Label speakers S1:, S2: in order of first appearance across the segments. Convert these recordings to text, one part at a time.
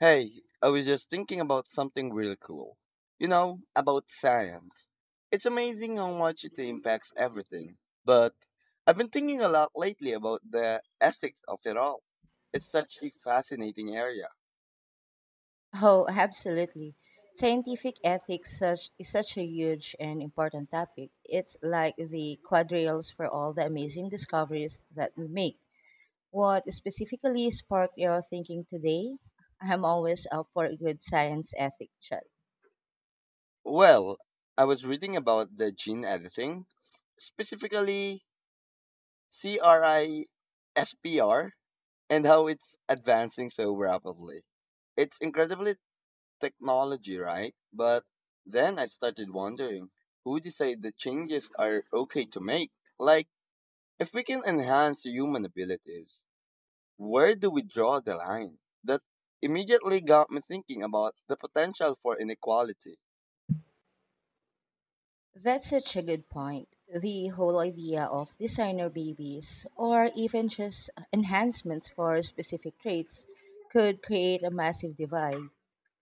S1: Hey, I was just thinking about something really cool. About science. It's amazing how much it impacts everything. But I've been thinking a lot lately about the ethics of it all. It's such a fascinating area.
S2: Oh, absolutely. Scientific ethics is such a huge and important topic. It's like the quadrails for all the amazing discoveries that we make. What specifically sparked your thinking today? I'm always up for a good science ethic chat.
S1: Well, I was reading about the gene editing, specifically CRISPR, and how it's advancing so rapidly. It's incredibly technology, right? But then I started wondering who decide the changes are okay to make? Like, if we can enhance human abilities, where do we draw the line? That immediately got me thinking about the potential for inequality.
S2: That's such a good point. The whole idea of designer babies, or even just enhancements for specific traits, could create a massive divide.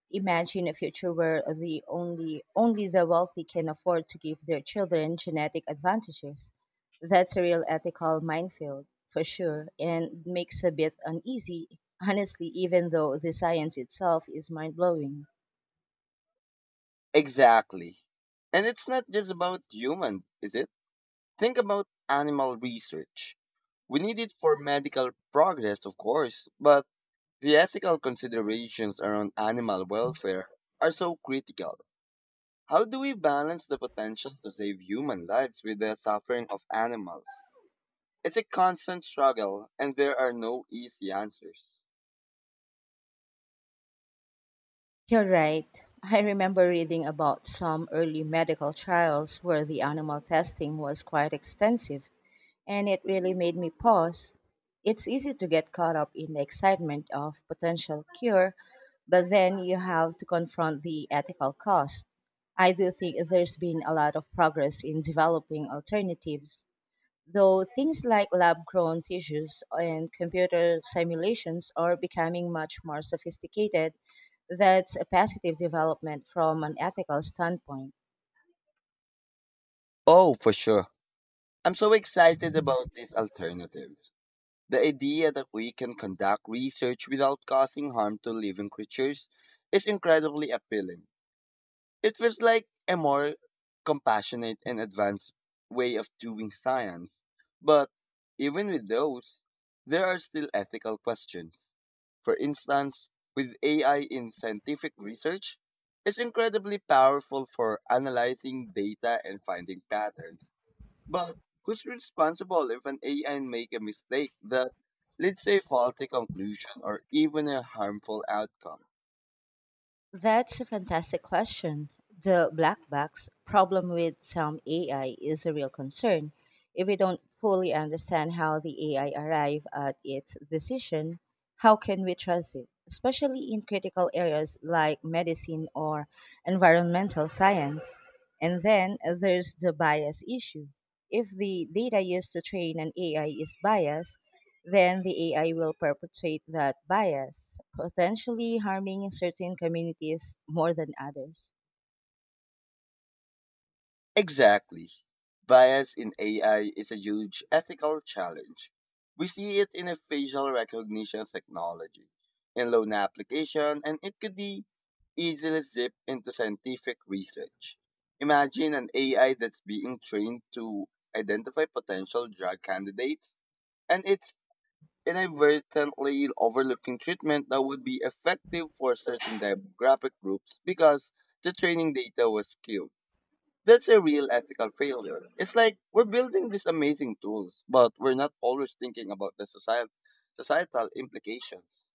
S2: Imagine a future where the only only the wealthy can afford to give their children genetic advantages. That's a real ethical minefield for sure and makes a bit uneasy, honestly, even though the science itself is mind blowing.
S1: Exactly. And it's not just about human, is it? Think about animal research. We need it for medical progress, of course, but the ethical considerations around animal welfare are so critical. How do we balance the potential to save human lives with the suffering of animals? It's a constant struggle, and there are no easy answers.
S2: You're right. I remember reading about some early medical trials where the animal testing was quite extensive and it really made me pause. It's easy to get caught up in the excitement of potential cure, but then you have to confront the ethical cost. I do think there's been a lot of progress in developing alternatives, though things like lab grown tissues and computer simulations are becoming much more sophisticated. That's a positive development from an ethical standpoint.
S1: Oh, for sure. I'm so excited about these alternatives. The idea that we can conduct research without causing harm to living creatures is incredibly appealing. It feels like a more compassionate and advanced way of doing science. But even with those, there are still ethical questions. For instance, with AI in scientific research, it's incredibly powerful for analyzing data and finding patterns. But who's responsible if an AI make a mistake that leads to a faulty conclusion or even a harmful outcome?
S2: That's a fantastic question. The black box problem with some AI is a real concern. If we don't fully understand how the AI arrive at its decision, how can we trust it? Especially in critical areas like medicine or environmental science. And then there's the bias issue. If the data used to train an AI is biased, then the AI will perpetuate that bias, potentially harming certain communities more than others.
S1: Exactly. Bias in AI is a huge ethical challenge. We see it in a facial recognition technology, in loan application, and it could be easily zipped into scientific research. Imagine an AI that's being trained to identify potential drug candidates, and it's inadvertently overlooking treatment that would be effective for certain demographic groups because the training data was skewed. That's a real ethical failure. It's like we're building these amazing tools, but we're not always thinking about the societal implications.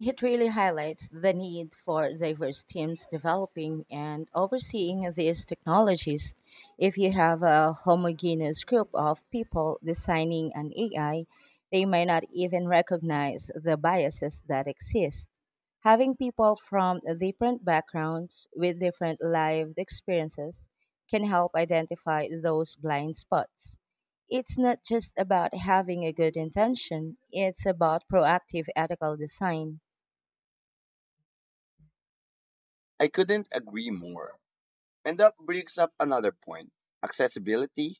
S2: It really highlights the need for diverse teams developing and overseeing these technologies. If you have a homogeneous group of people designing an AI, they may not even recognize the biases that exist. Having people from different backgrounds with different lived experiences can help identify those blind spots it's not just about having a good intention, it's about proactive ethical design.
S1: I couldn't agree more. And that brings up another point. Accessibility.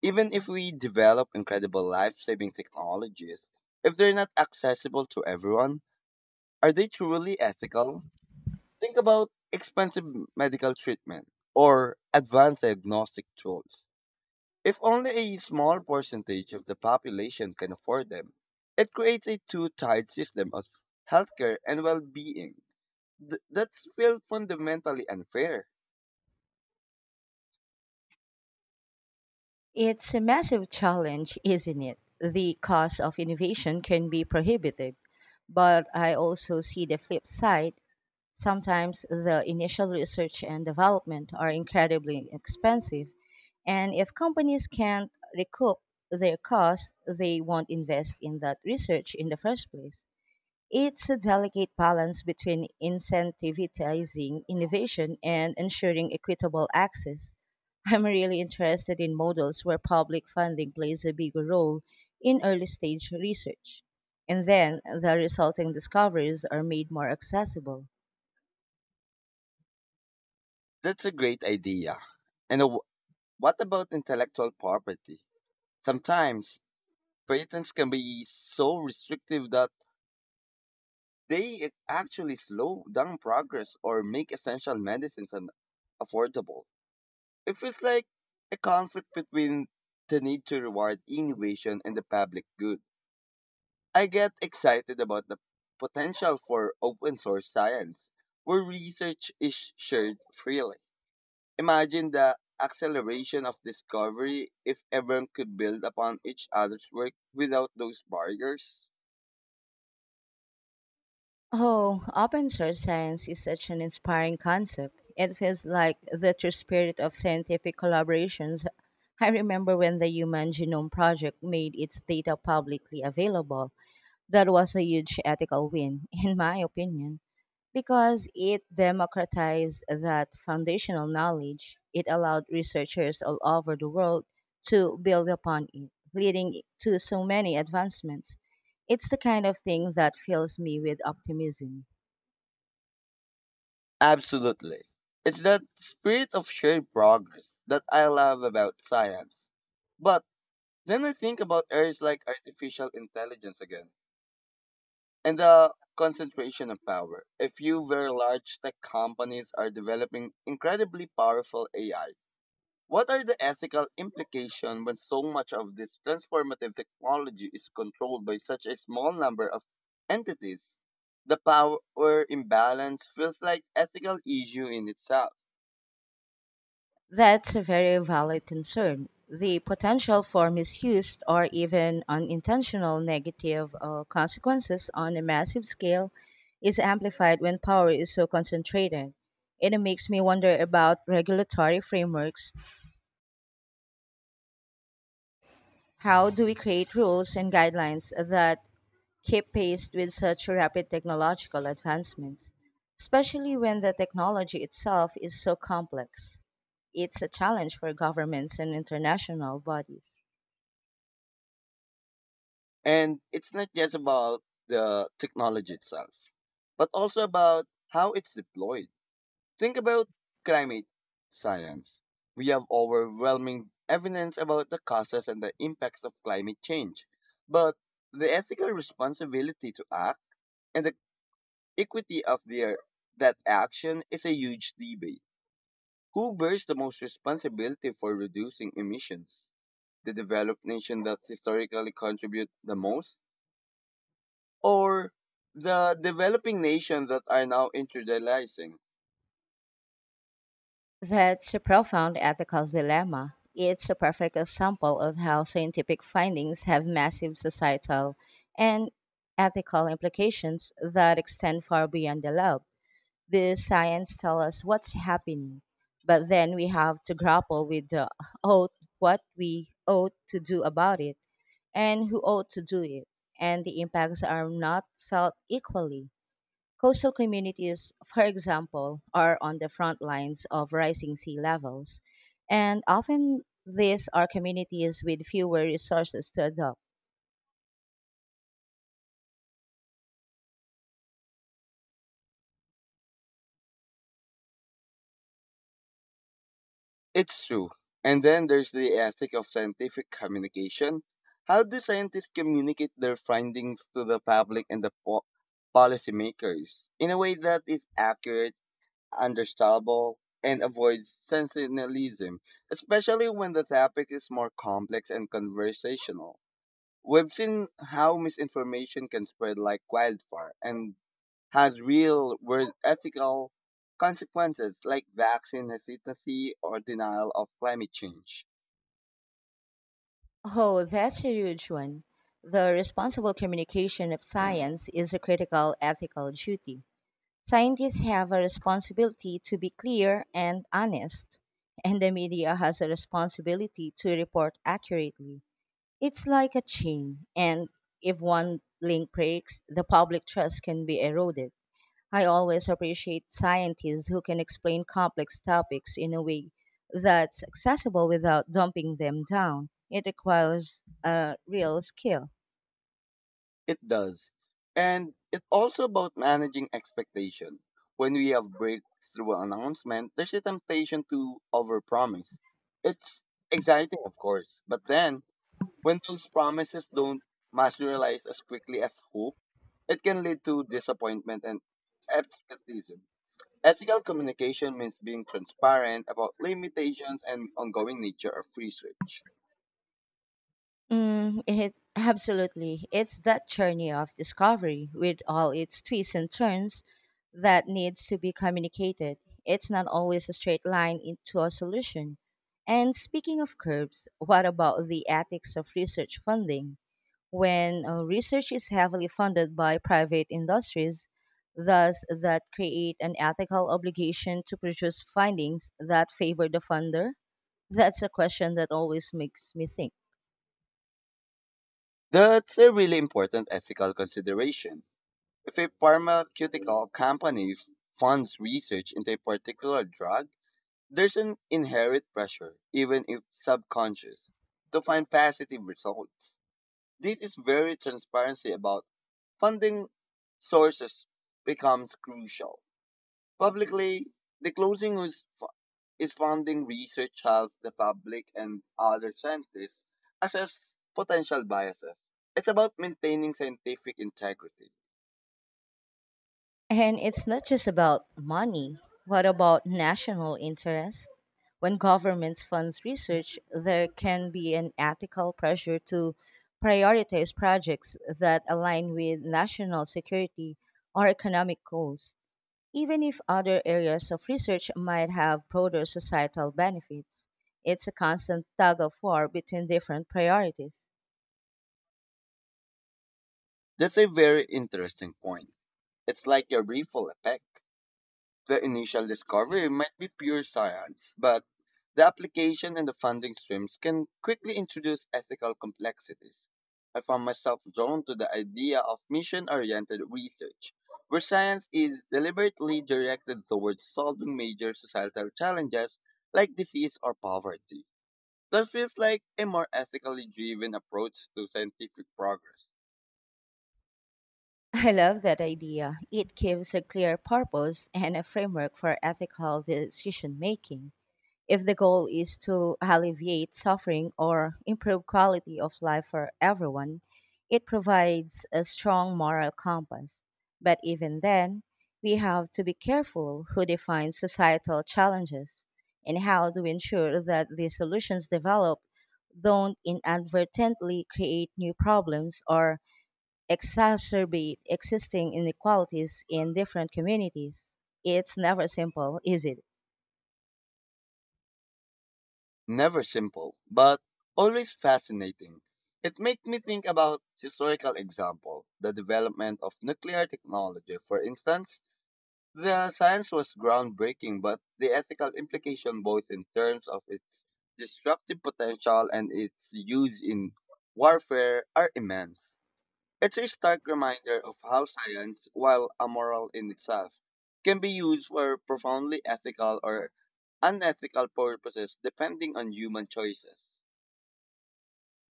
S1: Even if we develop incredible life-saving technologies, if they're not accessible to everyone, are they truly ethical? Think about expensive medical treatment or advanced diagnostic tools. If only a small percentage of the population can afford them, it creates a two-tiered system of healthcare and well-being. That's feel fundamentally unfair.
S2: It's a massive challenge, isn't it? The cost of innovation can be prohibitive, but I also see the flip side. Sometimes the initial research and development are incredibly expensive, and if companies can't recoup their costs, they won't invest in that research in the first place. It's a delicate balance between incentivizing innovation and ensuring equitable access. I'm really interested in models where public funding plays a bigger role in early stage research, and then the resulting discoveries are made more accessible.
S1: That's a great idea. And what about intellectual property? Sometimes patents can be so restrictive that they actually slow down progress or make essential medicines affordable. It feels like a conflict between the need to reward innovation and the public good. I get excited about the potential for open source science, where research is shared freely. Imagine the acceleration of discovery if everyone could build upon each other's work without those barriers.
S2: Oh, open source science is such an inspiring concept. It feels like the true spirit of scientific collaborations. I remember when the Human Genome Project made its data publicly available. That was a huge ethical win, in my opinion, because it democratized that foundational knowledge. It allowed researchers all over the world to build upon it, leading to so many advancements. It's the kind of thing that fills me with optimism.
S1: Absolutely. It's that spirit of shared progress that I love about science. But then I think about areas like artificial intelligence again and the concentration of power. A few very large tech companies are developing incredibly powerful AI. What are the ethical implications when so much of this transformative technology is controlled by such a small number of entities? The power imbalance feels like ethical issue in itself.
S2: That's a very valid concern. The potential for misuse or even unintentional negative consequences on a massive scale is amplified when power is so concentrated. It makes me wonder about regulatory frameworks. How do we create rules and guidelines that keep pace with such rapid technological advancements, especially when the technology itself is so complex? It's a challenge for governments and international bodies.
S1: And it's not just about the technology itself, but also about how it's deployed. Think about climate science. We have overwhelming evidence about the causes and the impacts of climate change, but the ethical responsibility to act and the equity of their, that action is a huge debate. Who bears the most responsibility for reducing emissions? The developed nation that historically contribute the most, or the developing nations that are now industrializing?
S2: That's a profound ethical dilemma. It's a perfect example of how scientific findings have massive societal and ethical implications that extend far beyond the lab. The science tells us what's happening, but then we have to grapple with the ought, what we ought to do about it and who ought to do it, and the impacts are not felt equally. Coastal communities, for example, are on the front lines of rising sea levels, and often these are communities with fewer resources to adopt.
S1: It's true. And then there's the ethic of scientific communication. How do scientists communicate their findings to the public and the policymakers in a way that is accurate, understandable, and avoids sensationalism, especially when the topic is more complex and conversational? We've seen how misinformation can spread like wildfire and has real world ethical consequences like vaccine hesitancy or denial of climate change.
S2: Oh, that's a huge one. The responsible communication of science is a critical ethical duty. Scientists have a responsibility to be clear and honest, and the media has a responsibility to report accurately. It's like a chain, and if one link breaks, the public trust can be eroded. I always appreciate scientists who can explain complex topics in a way that's accessible without dumping them down. It requires a real skill.
S1: It does. And it's also about managing expectation. When we have breakthrough announcement, there's a temptation to overpromise. It's exciting, of course, but then when those promises don't materialize as quickly as hoped, it can lead to disappointment and absenteeism. Ethical communication means being transparent about limitations and ongoing nature of research.
S2: Mm, it absolutely. It's that journey of discovery with all its twists and turns that needs to be communicated. It's not always a straight line into a solution. And speaking of curves, what about the ethics of research funding? When research is heavily funded by private industries, thus that create an ethical obligation to produce findings that favor the funder? That's a question that always makes me think.
S1: That's a really important ethical consideration. If a pharmaceutical company funds research into a particular drug, there's an inherent pressure, even if subconscious, to find positive results. This is very transparency about funding sources becomes crucial. Publicly, the closing is, is funding research helps the public and other scientists assess potential biases. It's about maintaining scientific integrity.
S2: And it's not just about money. What about national interest? When governments funds research, there can be an ethical pressure to prioritize projects that align with national security or economic goals, even if other areas of research might have broader societal benefits. It's a constant tug of war between different priorities.
S1: That's a very interesting point. It's like a ripple effect. The initial discovery might be pure science, but the application and the funding streams can quickly introduce ethical complexities. I found myself drawn to the idea of mission oriented research, where science is deliberately directed towards solving major societal challenges like disease or poverty. That feels like a more ethically driven approach to scientific progress.
S2: I love that idea. It gives a clear purpose and a framework for ethical decision making. If the goal is to alleviate suffering or improve quality of life for everyone, it provides a strong moral compass. But even then, we have to be careful who defines societal challenges and how to ensure that the solutions developed don't inadvertently create new problems or exacerbate existing inequalities in different communities. It's never simple, is it?
S1: Never simple, but always fascinating. It makes me think about historical example, the development of nuclear technology, for instance. The science was groundbreaking, but the ethical implication both in terms of its destructive potential and its use in warfare are immense. It's a stark reminder of how science, while amoral in itself, can be used for profoundly ethical or unethical purposes depending on human choices.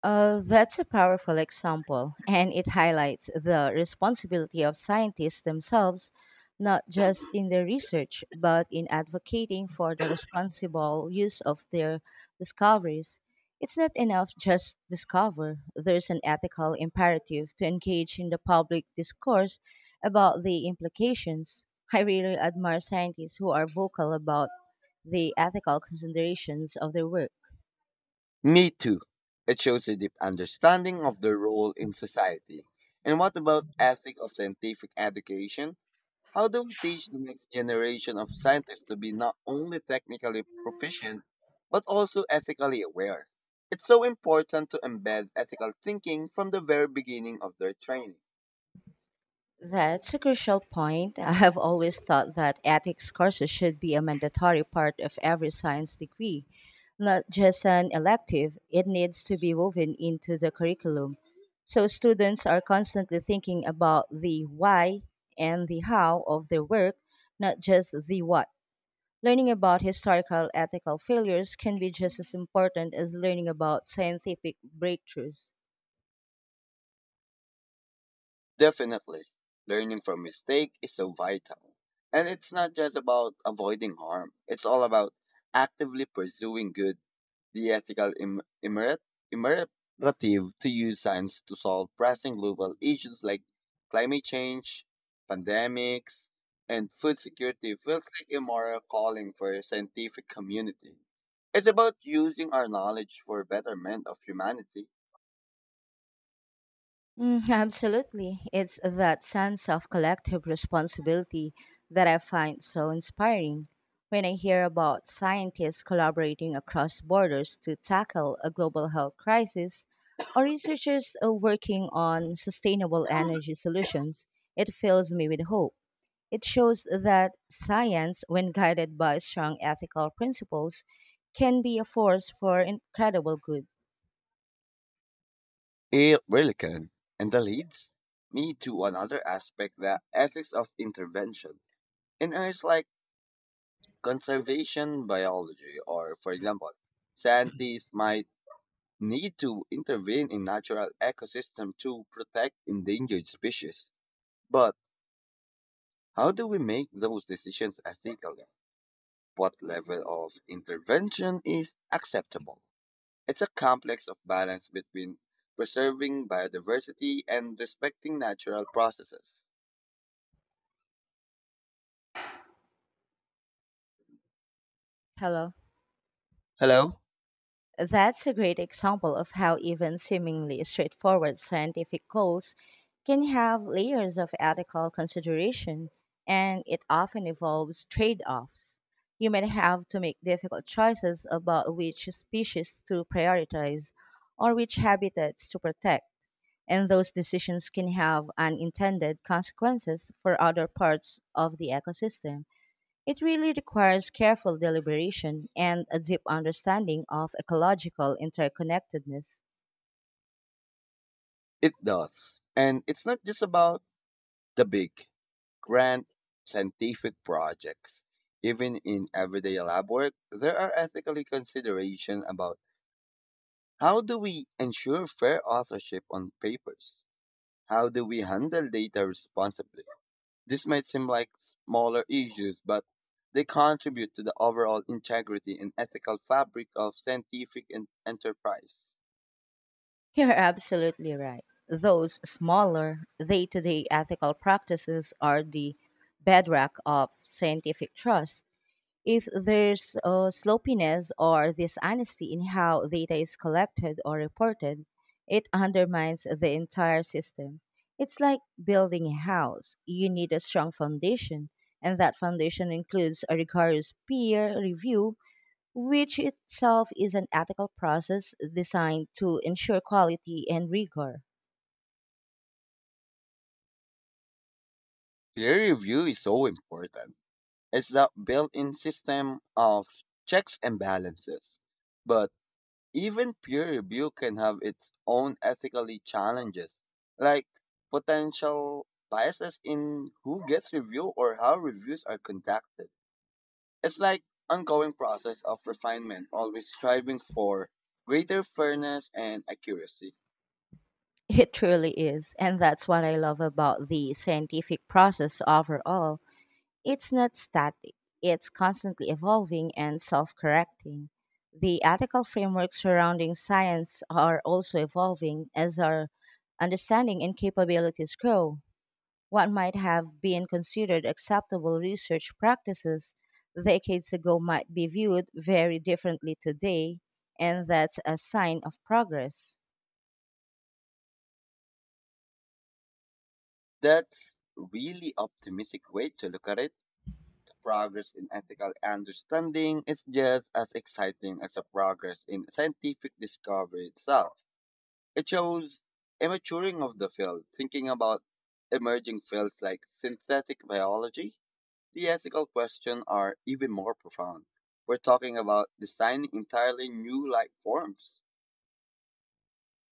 S2: That's a powerful example, and it highlights the responsibility of scientists themselves, not just in their research, but in advocating for the responsible use of their discoveries. It's not enough just discover. There's an ethical imperative to engage in the public discourse about the implications. I really admire scientists who are vocal about the ethical considerations of their work.
S1: Me too. It shows a deep understanding of their role in society. And what about ethic of scientific education? How do we teach the next generation of scientists to be not only technically proficient, but also ethically aware? It's so important to embed ethical thinking from the very beginning of their training.
S2: That's a crucial point. I have always thought that ethics courses should be a mandatory part of every science degree, not just an elective. It needs to be woven into the curriculum. So students are constantly thinking about the why and the how of their work, not just the what. Learning about historical ethical failures can be just as important as learning about scientific breakthroughs.
S1: Definitely, learning from mistake is so vital. And it's not just about avoiding harm, it's all about actively pursuing good. The ethical imperative to use science to solve pressing global issues like climate change, pandemics, and food security feels like a moral calling for a scientific community. It's about using our knowledge for betterment of humanity.
S2: Mm, absolutely. It's that sense of collective responsibility that I find so inspiring. When I hear about scientists collaborating across borders to tackle a global health crisis, or researchers working on sustainable energy solutions, it fills me with hope. It shows that science, when guided by strong ethical principles, can be a force for incredible good.
S1: It really can. And that leads me to another aspect, the ethics of intervention. In areas like conservation biology, or for example, scientists might need to intervene in natural ecosystems to protect endangered species. But how do we make those decisions ethically? What level of intervention is acceptable? It's a complex of balance between preserving biodiversity and respecting natural processes.
S2: Hello.
S1: Hello?
S2: That's a great example of how even seemingly straightforward scientific goals can have layers of ethical consideration, and it often involves trade offs. You may have to make difficult choices about which species to prioritize or which habitats to protect, and those decisions can have unintended consequences for other parts of the ecosystem. It really requires careful deliberation and a deep understanding of ecological interconnectedness.
S1: It does. And it's not just about the big, grand scientific projects. Even in everyday lab work, there are ethical considerations about how do we ensure fair authorship on papers? How do we handle data responsibly? This might seem like smaller issues, but they contribute to the overall integrity and ethical fabric of scientific enterprise.
S2: You're absolutely right. Those smaller, day to day ethical practices are the bedrock of scientific trust. If there's sloppiness or dishonesty in how data is collected or reported, it undermines the entire system. It's like building a house. You need a strong foundation, and that foundation includes a rigorous peer review, which itself is an ethical process designed to ensure quality and rigor.
S1: Peer review is so important. It's a built in system of checks and balances. But even peer review can have its own ethically challenges, like potential biases in who gets review or how reviews are conducted. It's like ongoing process of refinement, always striving for greater fairness and accuracy.
S2: It truly is, and that's what I love about the scientific process overall. It's not static, it's constantly evolving and self correcting. The ethical frameworks surrounding science are also evolving as our understanding and capabilities grow. What might have been considered acceptable research practices decades ago might be viewed very differently today, and that's a sign of progress.
S1: That's really optimistic way to look at it. The progress in ethical understanding is just as exciting as the progress in scientific discovery itself. It shows a maturing of the field, thinking about emerging fields like synthetic biology. The ethical questions are even more profound. We're talking about designing entirely new life forms.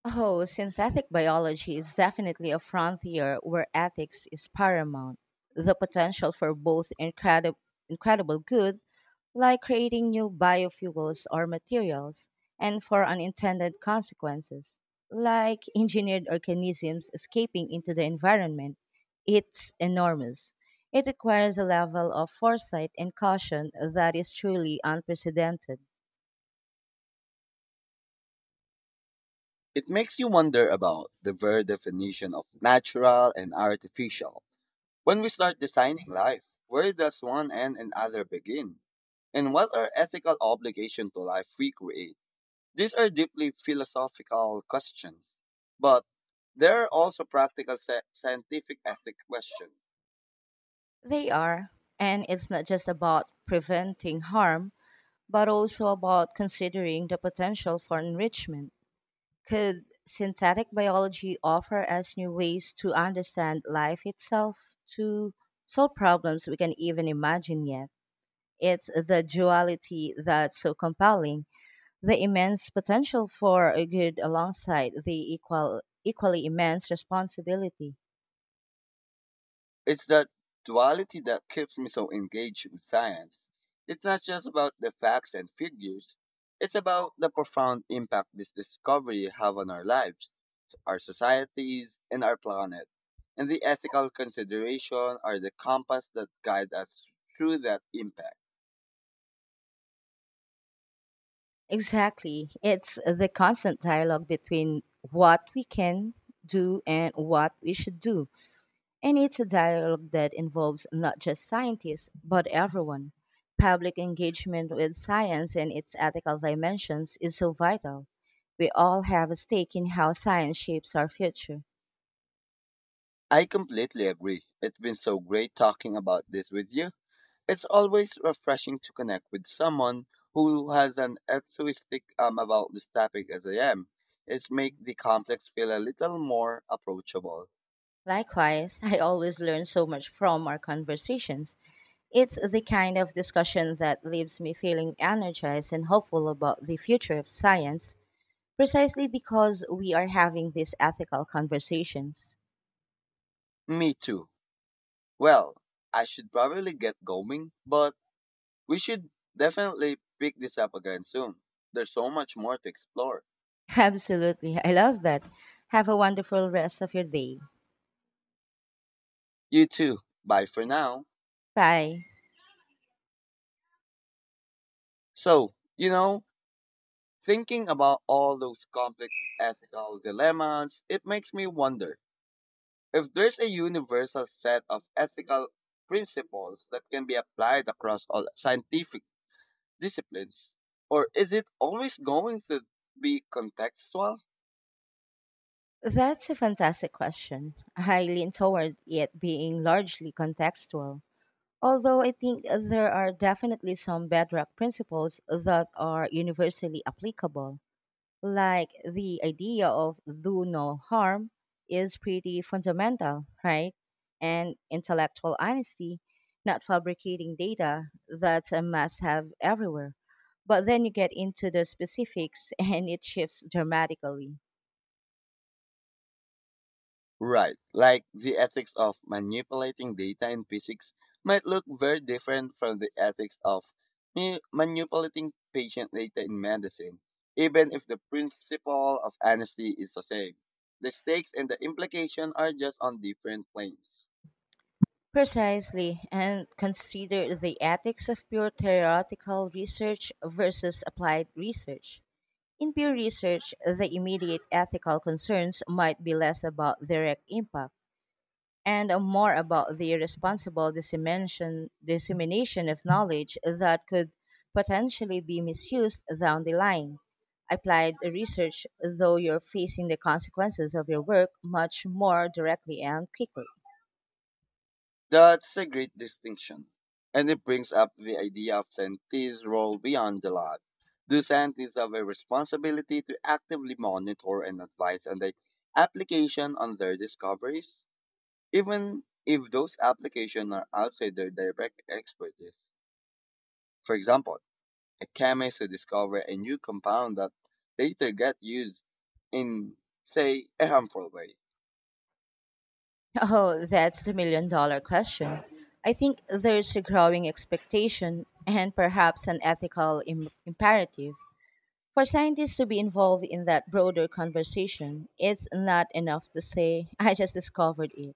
S2: Oh, synthetic biology is definitely a frontier where ethics is paramount. The potential for both incredible good, like creating new biofuels or materials, and for unintended consequences, like engineered organisms escaping into the environment, it's enormous. It requires a level of foresight and caution that is truly unprecedented.
S1: It makes you wonder about the very definition of natural and artificial. When we start designing life, where does one end and other begin? And what are ethical obligations to life we create? These are deeply philosophical questions, but there are also practical scientific ethic questions.
S2: They are, and it's not just about preventing harm but also about considering the potential for enrichment. Could synthetic biology offer us new ways to understand life itself, to solve problems we can even imagine yet? It's the duality that's so compelling, the immense potential for a good alongside the equally immense responsibility.
S1: It's that duality that keeps me so engaged with science. It's not just about the facts and figures, it's about the profound impact this discovery have on our lives, our societies, and our planet. And the ethical consideration are the compass that guide us through that impact.
S2: Exactly. It's the constant dialogue between what we can do and what we should do And it's a dialogue that involves not just scientists, but everyone. Public engagement with science and its ethical dimensions is so vital. We all have a stake in how science shapes our future.
S1: I completely agree. It's been so great talking about this with you. It's always refreshing to connect with someone who has an enthusiastic about this topic as I am. It makes the complex feel a little more approachable.
S2: Likewise, I always learn so much from our conversations. It's the kind of discussion that leaves me feeling energized and hopeful about the future of science, precisely because we are having these ethical conversations.
S1: Me too. Well, I should probably get going, but we should definitely pick this up again soon. There's so much more to explore.
S2: Absolutely. I love that. Have a wonderful rest of your day.
S1: You too. Bye for now.
S2: Bye.
S1: So, thinking about all those complex ethical dilemmas, it makes me wonder if there's a universal set of ethical principles that can be applied across all scientific disciplines, or is it always going to be contextual?
S2: That's a fantastic question. I lean toward it being largely contextual. Although I think there are definitely some bedrock principles that are universally applicable. Like the idea of do no harm is pretty fundamental, right? And intellectual honesty, not fabricating data, that's a must have everywhere. But then you get into the specifics and it shifts dramatically.
S1: Right, like the ethics of manipulating data in physics might look very different from the ethics of manipulating patient data in medicine, even if the principle of honesty is the same. The stakes and the implication are just on different planes.
S2: Precisely, and consider the ethics of pure theoretical research versus applied research. In pure research, the immediate ethical concerns might be less about direct impact and more about the responsible dissemination of knowledge that could potentially be misused down the line. Applied research, though, you're facing the consequences of your work much more directly and quickly.
S1: That's a great distinction. And it brings up the idea of scientists' role beyond the lab. Do scientists have a responsibility to actively monitor and advise on the application on their discoveries, even if those applications are outside their direct expertise? For example, a chemist who discovers a new compound that later gets used in, say, a harmful way.
S2: Oh, that's the million dollar question. I think there's a growing expectation and perhaps an ethical imperative for scientists to be involved in that broader conversation. It's not enough to say, I just discovered it.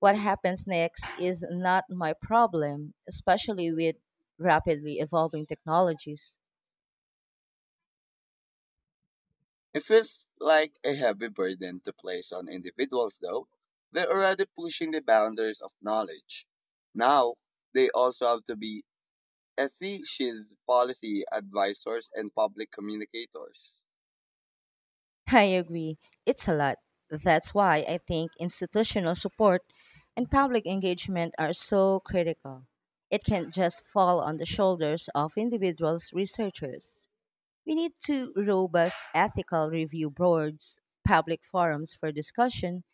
S2: What happens next is not my problem, especially with rapidly evolving technologies.
S1: It feels like a heavy burden to place on individuals, though. They're already pushing the boundaries of knowledge. Now, they also have to be SEC's policy advisors and public communicators.
S2: I agree, it's a lot. That's why I think institutional support and public engagement are so critical. It can't just fall on the shoulders of individuals researchers. We need to robust ethical review boards, public forums for discussion,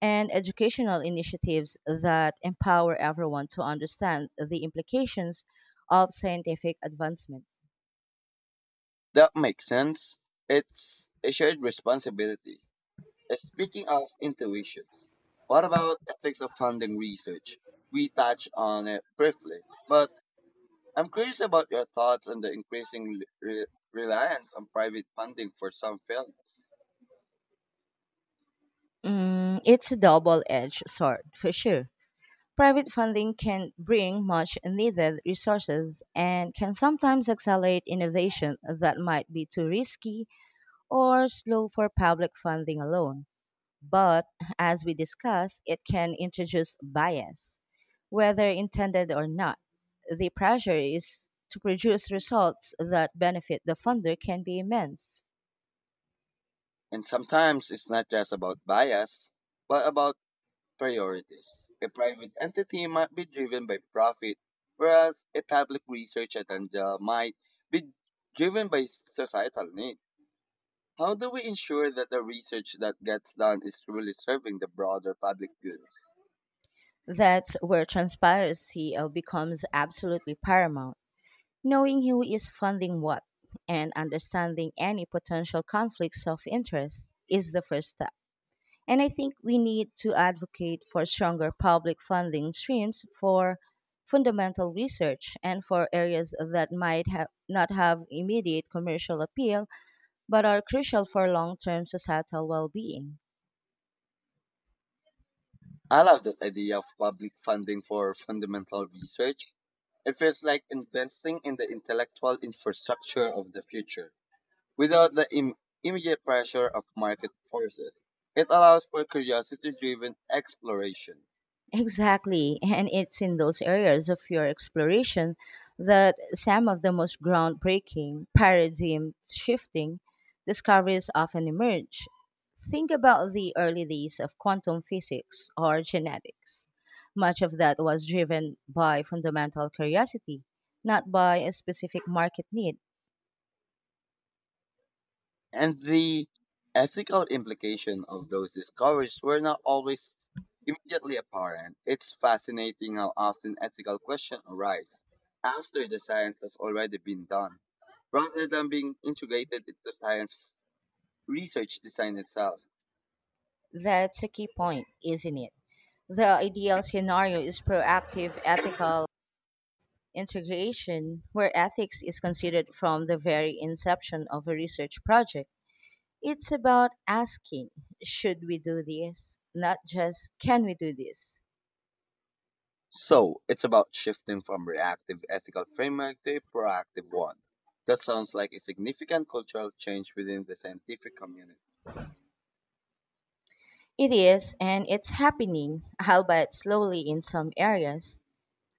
S2: and educational initiatives that empower everyone to understand the implications of scientific advancement.
S1: That makes sense. It's a shared responsibility. Speaking of intuitions, what about ethics of funding research? We touched on it briefly, but I'm curious about your thoughts on the increasing reliance on private funding for some films.
S2: Mm, it's a double edged sword, for sure. Private funding can bring much needed resources and can sometimes accelerate innovation that might be too risky or slow for public funding alone. But as we discussed, it can introduce bias, whether intended or not. The pressure is to produce results that benefit the funder can be immense.
S1: And sometimes it's not just about bias, but about priorities. A private entity might be driven by profit, whereas a public research agenda might be driven by societal need. How do we ensure that the research that gets done is truly serving the broader public good?
S2: That's where transparency becomes absolutely paramount. Knowing who is funding what and understanding any potential conflicts of interest is the first step. And I think we need to advocate for stronger public funding streams for fundamental research and for areas that might have not have immediate commercial appeal but are crucial for long-term societal well-being.
S1: I love that idea of public funding for fundamental research. It feels like investing in the intellectual infrastructure of the future without the immediate pressure of market forces. It allows for curiosity driven exploration.
S2: Exactly, and it's in those areas of your exploration that some of the most groundbreaking, paradigm shifting discoveries often emerge. Think about the early days of quantum physics or genetics. Much of that was driven by fundamental curiosity, not by a specific market need.
S1: And the ethical implication of those discoveries were not always immediately apparent. It's fascinating how often ethical questions arise after the science has already been done, rather than being integrated into science research design itself.
S2: That's a key point, isn't it? The ideal scenario is proactive ethical integration, where ethics is considered from the very inception of a research project. It's about asking, should we do this? Not just, can we do this?
S1: So it's about shifting from reactive ethical framework to a proactive one. That sounds like a significant cultural change within the scientific community.
S2: It is, and it's happening, albeit slowly in some areas.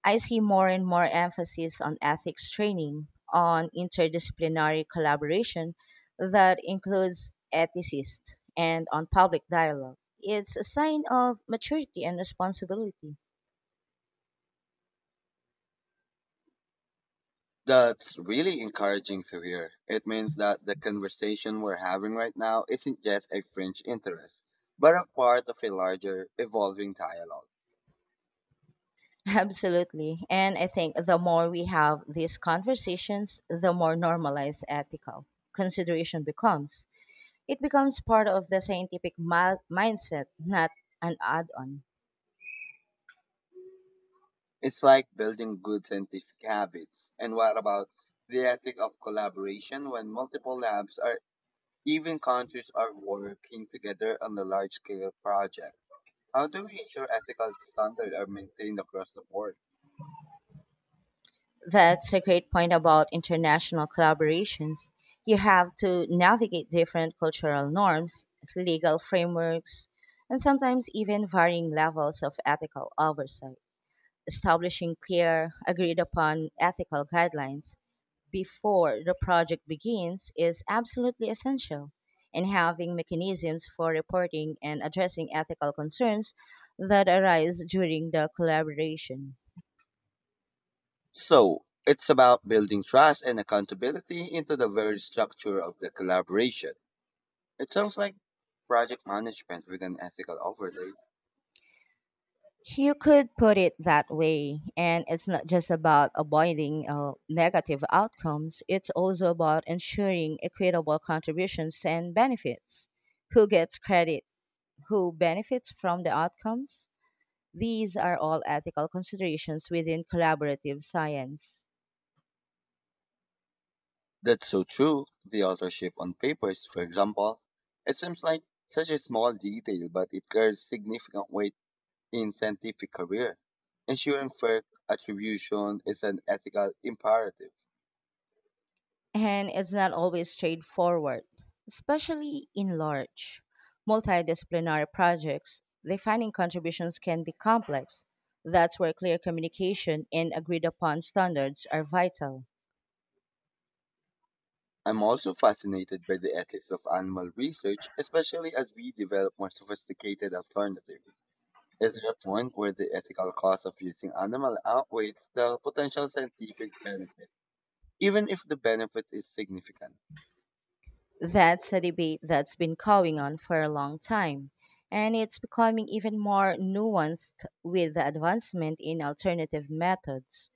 S2: I see more and more emphasis on ethics training, on interdisciplinary collaboration that includes ethicists, and on public dialogue. It's a sign of maturity and responsibility.
S1: That's really encouraging to hear. It means that the conversation we're having right now isn't just a fringe interest, but a part of a larger, evolving dialogue.
S2: Absolutely. And I think the more we have these conversations, the more normalized ethical consideration becomes. It becomes part of the scientific mindset, not an add on.
S1: It's like building good scientific habits. And what about the ethic of collaboration when multiple labs or even countries are working together on a large scale project? How do we ensure ethical standards are maintained across the board?
S2: That's a great point about international collaborations. You have to navigate different cultural norms, legal frameworks, and sometimes even varying levels of ethical oversight. Establishing clear, agreed upon ethical guidelines before the project begins is absolutely essential, and having mechanisms for reporting and addressing ethical concerns that arise during the collaboration.
S1: So, it's about building trust and accountability into the very structure of the collaboration. It sounds like project management with an ethical overlay.
S2: You could put it that way, and it's not just about avoiding negative outcomes, it's also about ensuring equitable contributions and benefits. Who gets credit? Who benefits from the outcomes? These are all ethical considerations within collaborative science.
S1: That's so true. The authorship on papers, for example, it seems like such a small detail, but it carries significant weight in scientific career. Ensuring fair attribution is an ethical imperative.
S2: And it's not always straightforward, especially in large, multidisciplinary projects. Defining contributions can be complex. That's where clear communication and agreed upon standards are vital.
S1: I'm also fascinated by the ethics of animal research, especially as we develop more sophisticated alternatives. Is there a point where the ethical cost of using animal outweighs the potential scientific benefit, even if the benefit is significant?
S2: That's a debate that's been going on for a long time, and it's becoming even more nuanced with the advancement in alternative methods.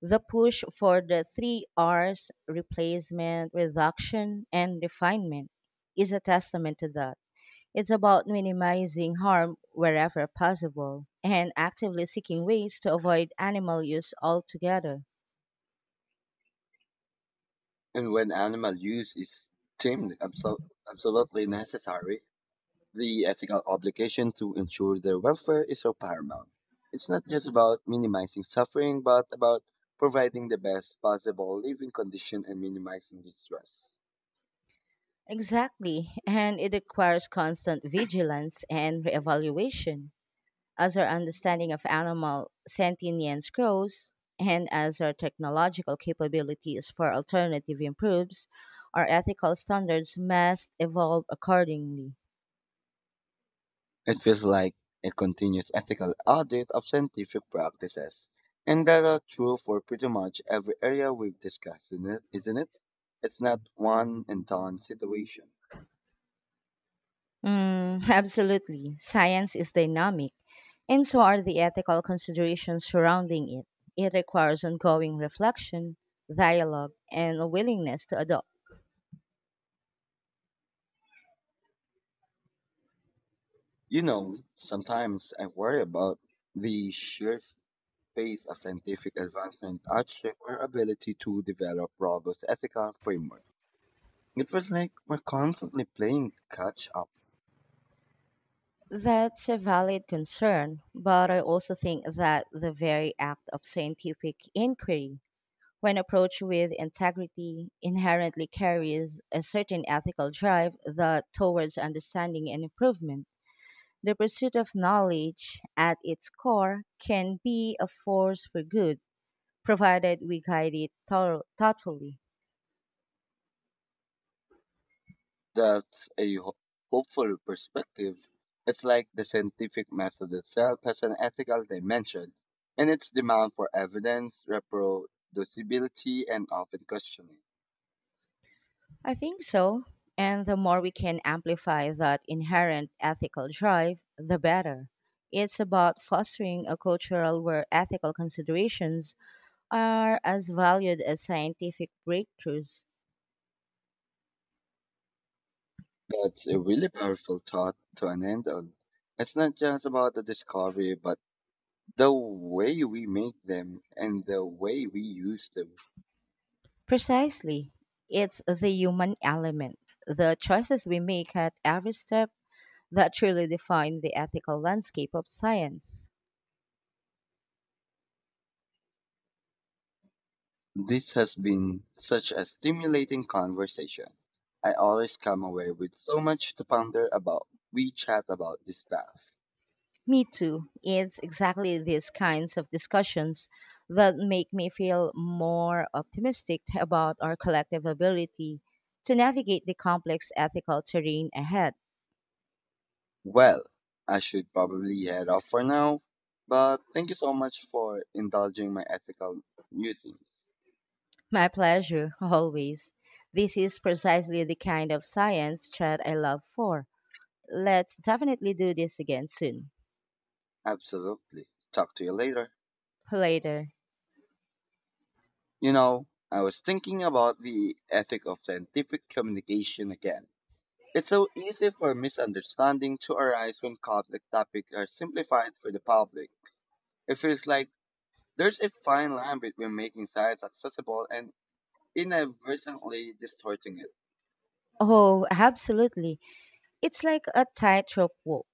S2: The push for the three R's replacement, reduction, and refinement is a testament to that. It's about minimizing harm wherever possible and actively seeking ways to avoid animal use altogether.
S1: And when animal use is deemed absol- absolutely necessary, the ethical obligation to ensure their welfare is so paramount. It's not just about minimizing suffering, but about providing the best possible living condition and minimizing distress.
S2: Exactly, and it requires constant vigilance and reevaluation. As our understanding of animal sentience grows, and as our technological capabilities for alternative improves, our ethical standards must evolve accordingly.
S1: It feels like a continuous ethical audit of scientific practices, and that are true for pretty much every area we've discussed, isn't it? It's not one and done situation.
S2: Mm, absolutely. Science is dynamic, and so are the ethical considerations surrounding it. It requires ongoing reflection, dialogue, and a willingness to adopt.
S1: You know, sometimes I worry about the sheer pace of scientific advancement outstripped our ability to develop robust ethical framework. It was like we're constantly playing catch up.
S2: That's a valid concern, but I also think that the very act of scientific inquiry, when approached with integrity, inherently carries a certain ethical drive that towards understanding and improvement. The pursuit of knowledge at its core can be a force for good, provided we guide it thoughtfully.
S1: That's a ho- Hopeful perspective. It's like the scientific method itself has an ethical dimension, and its demand for evidence, reproducibility, and often questioning.
S2: I think so. And the more we can amplify that inherent ethical drive, the better. It's about fostering a cultural where ethical considerations are as valued as scientific breakthroughs.
S1: That's a really powerful thought to an end on. It's not just about the discovery, but the way we make them and the way we use them.
S2: Precisely. It's the human element, the choices we make at every step that truly define the ethical landscape of science.
S1: This has been such a stimulating conversation. I always come away with so much to ponder about. We chat about this stuff.
S2: Me too. It's exactly these kinds of discussions that make me feel more optimistic about our collective ability to navigate the complex ethical terrain ahead.
S1: Well, I should probably head off for now, but thank you so much for indulging my ethical musings.
S2: My pleasure, always. This is precisely the kind of science chat I love for. Let's definitely do this again soon.
S1: Absolutely. Talk to you later.
S2: Later.
S1: You know, I was thinking about the ethic of scientific communication again. It's so easy for misunderstanding to arise when complex topics are simplified for the public. It feels like there's a fine line between making science accessible and inadvertently distorting it.
S2: Oh, absolutely. It's like a tightrope walk.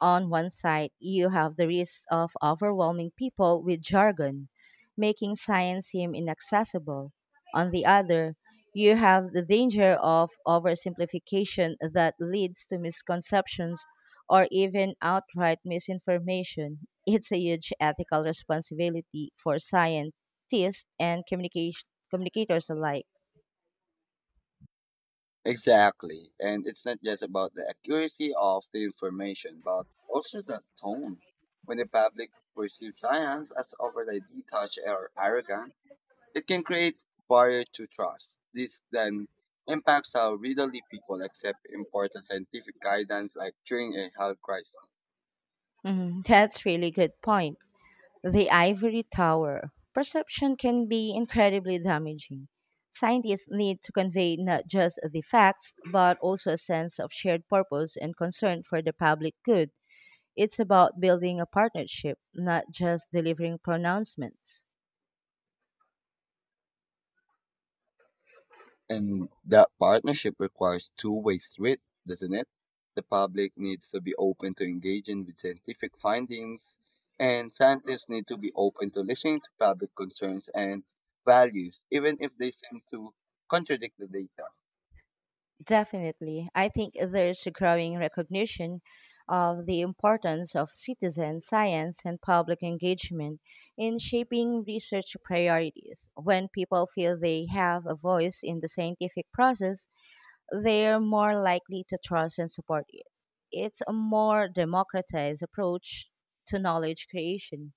S2: On one side, you have the risk of overwhelming people with jargon, making science seem inaccessible. On the other, you have the danger of oversimplification that leads to misconceptions or even outright misinformation. It's a huge ethical responsibility for scientists and communication communicators alike.
S1: Exactly. And it's not just about the accuracy of the information, but also the tone. When the public perceives science as overly detached or arrogant, it can create barrier to trust. This then impacts how readily people accept important scientific guidance like during a health crisis.
S2: Mm, that's really good point. The ivory tower. Perception can be incredibly damaging. Scientists need to convey not just the facts, but also a sense of shared purpose and concern for the public good. It's about building a partnership, not just delivering pronouncements.
S1: And that partnership requires two-way street, doesn't it? The public needs to be open to engaging with scientific findings, and scientists need to be open to listening to public concerns and values, even if they seem to contradict the data.
S2: Definitely. I think there's a growing recognition of the importance of citizen science and public engagement in shaping research priorities. When people feel they have a voice in the scientific process, they're more likely to trust and support it. It's a more democratized approach to knowledge creation.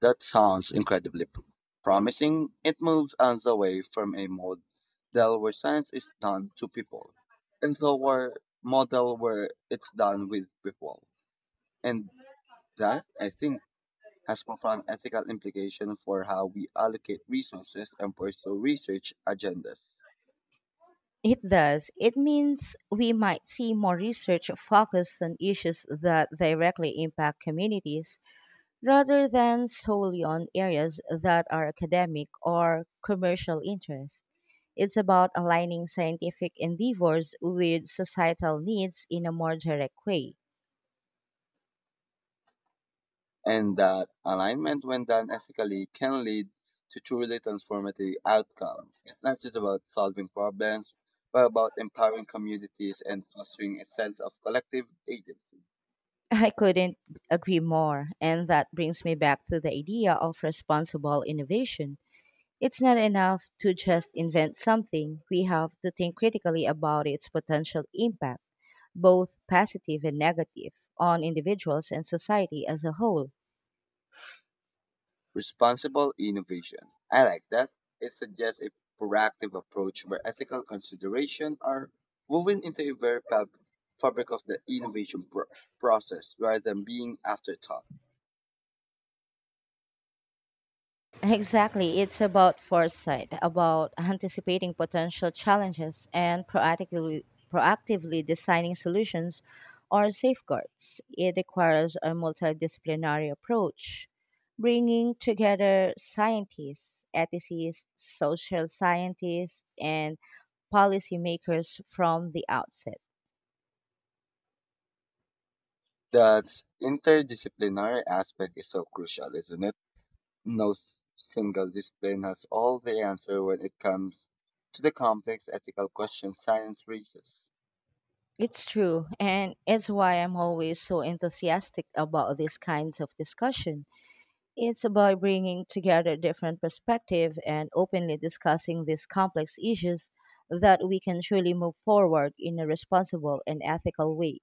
S1: That sounds incredibly p- Promising. It moves us away from a model where science is done to people, into a model where it's done with people. And that, I think, has profound ethical implications for how we allocate resources and pursue research agendas.
S2: It does. It means we might see more research focused on issues that directly impact communities rather than solely on areas that are academic or commercial interest. It's about aligning scientific endeavors with societal needs in a more direct way.
S1: And that alignment, when done ethically, can lead to truly transformative outcomes. It's not just about solving problems, but about empowering communities and fostering a sense of collective agency.
S2: I couldn't agree more, and that brings me back to the idea of responsible innovation. It's not enough to just invent something, we have to think critically about its potential impact, both positive and negative, on individuals and society as a whole.
S1: Responsible innovation. I like that. It suggests a proactive approach where ethical considerations are woven into the very fabric of the innovation process rather than being afterthought.
S2: Exactly. It's about foresight, about anticipating potential challenges and proactively designing solutions or safeguards. It requires a multidisciplinary approach, bringing together scientists, ethicists, social scientists, and policymakers from the outset.
S1: That interdisciplinary aspect is so crucial, isn't it? No single discipline has all the answer when it comes to the complex ethical questions science raises.
S2: It's true, and it's why I'm always so enthusiastic about these kinds of discussion. It's about bringing together different perspectives and openly discussing these complex issues that we can truly move forward in a responsible and ethical way.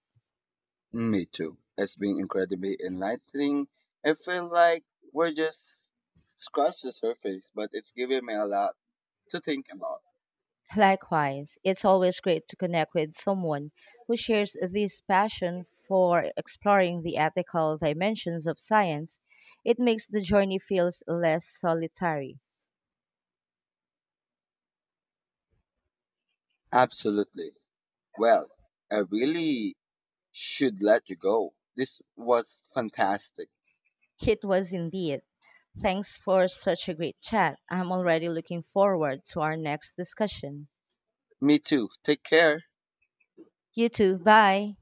S1: Me too. It's been incredibly enlightening. I feel like we're just scratched the surface, but it's given me a lot to think about.
S2: Likewise, it's always great to connect with someone who shares this passion for exploring the ethical dimensions of science. It makes the journey feels less solitary.
S1: Absolutely. Well, I really should let you go. This was fantastic.
S2: It was indeed. Thanks for such a great chat. I'm already looking forward to our next discussion.
S1: Me too. Take care.
S2: You too. Bye.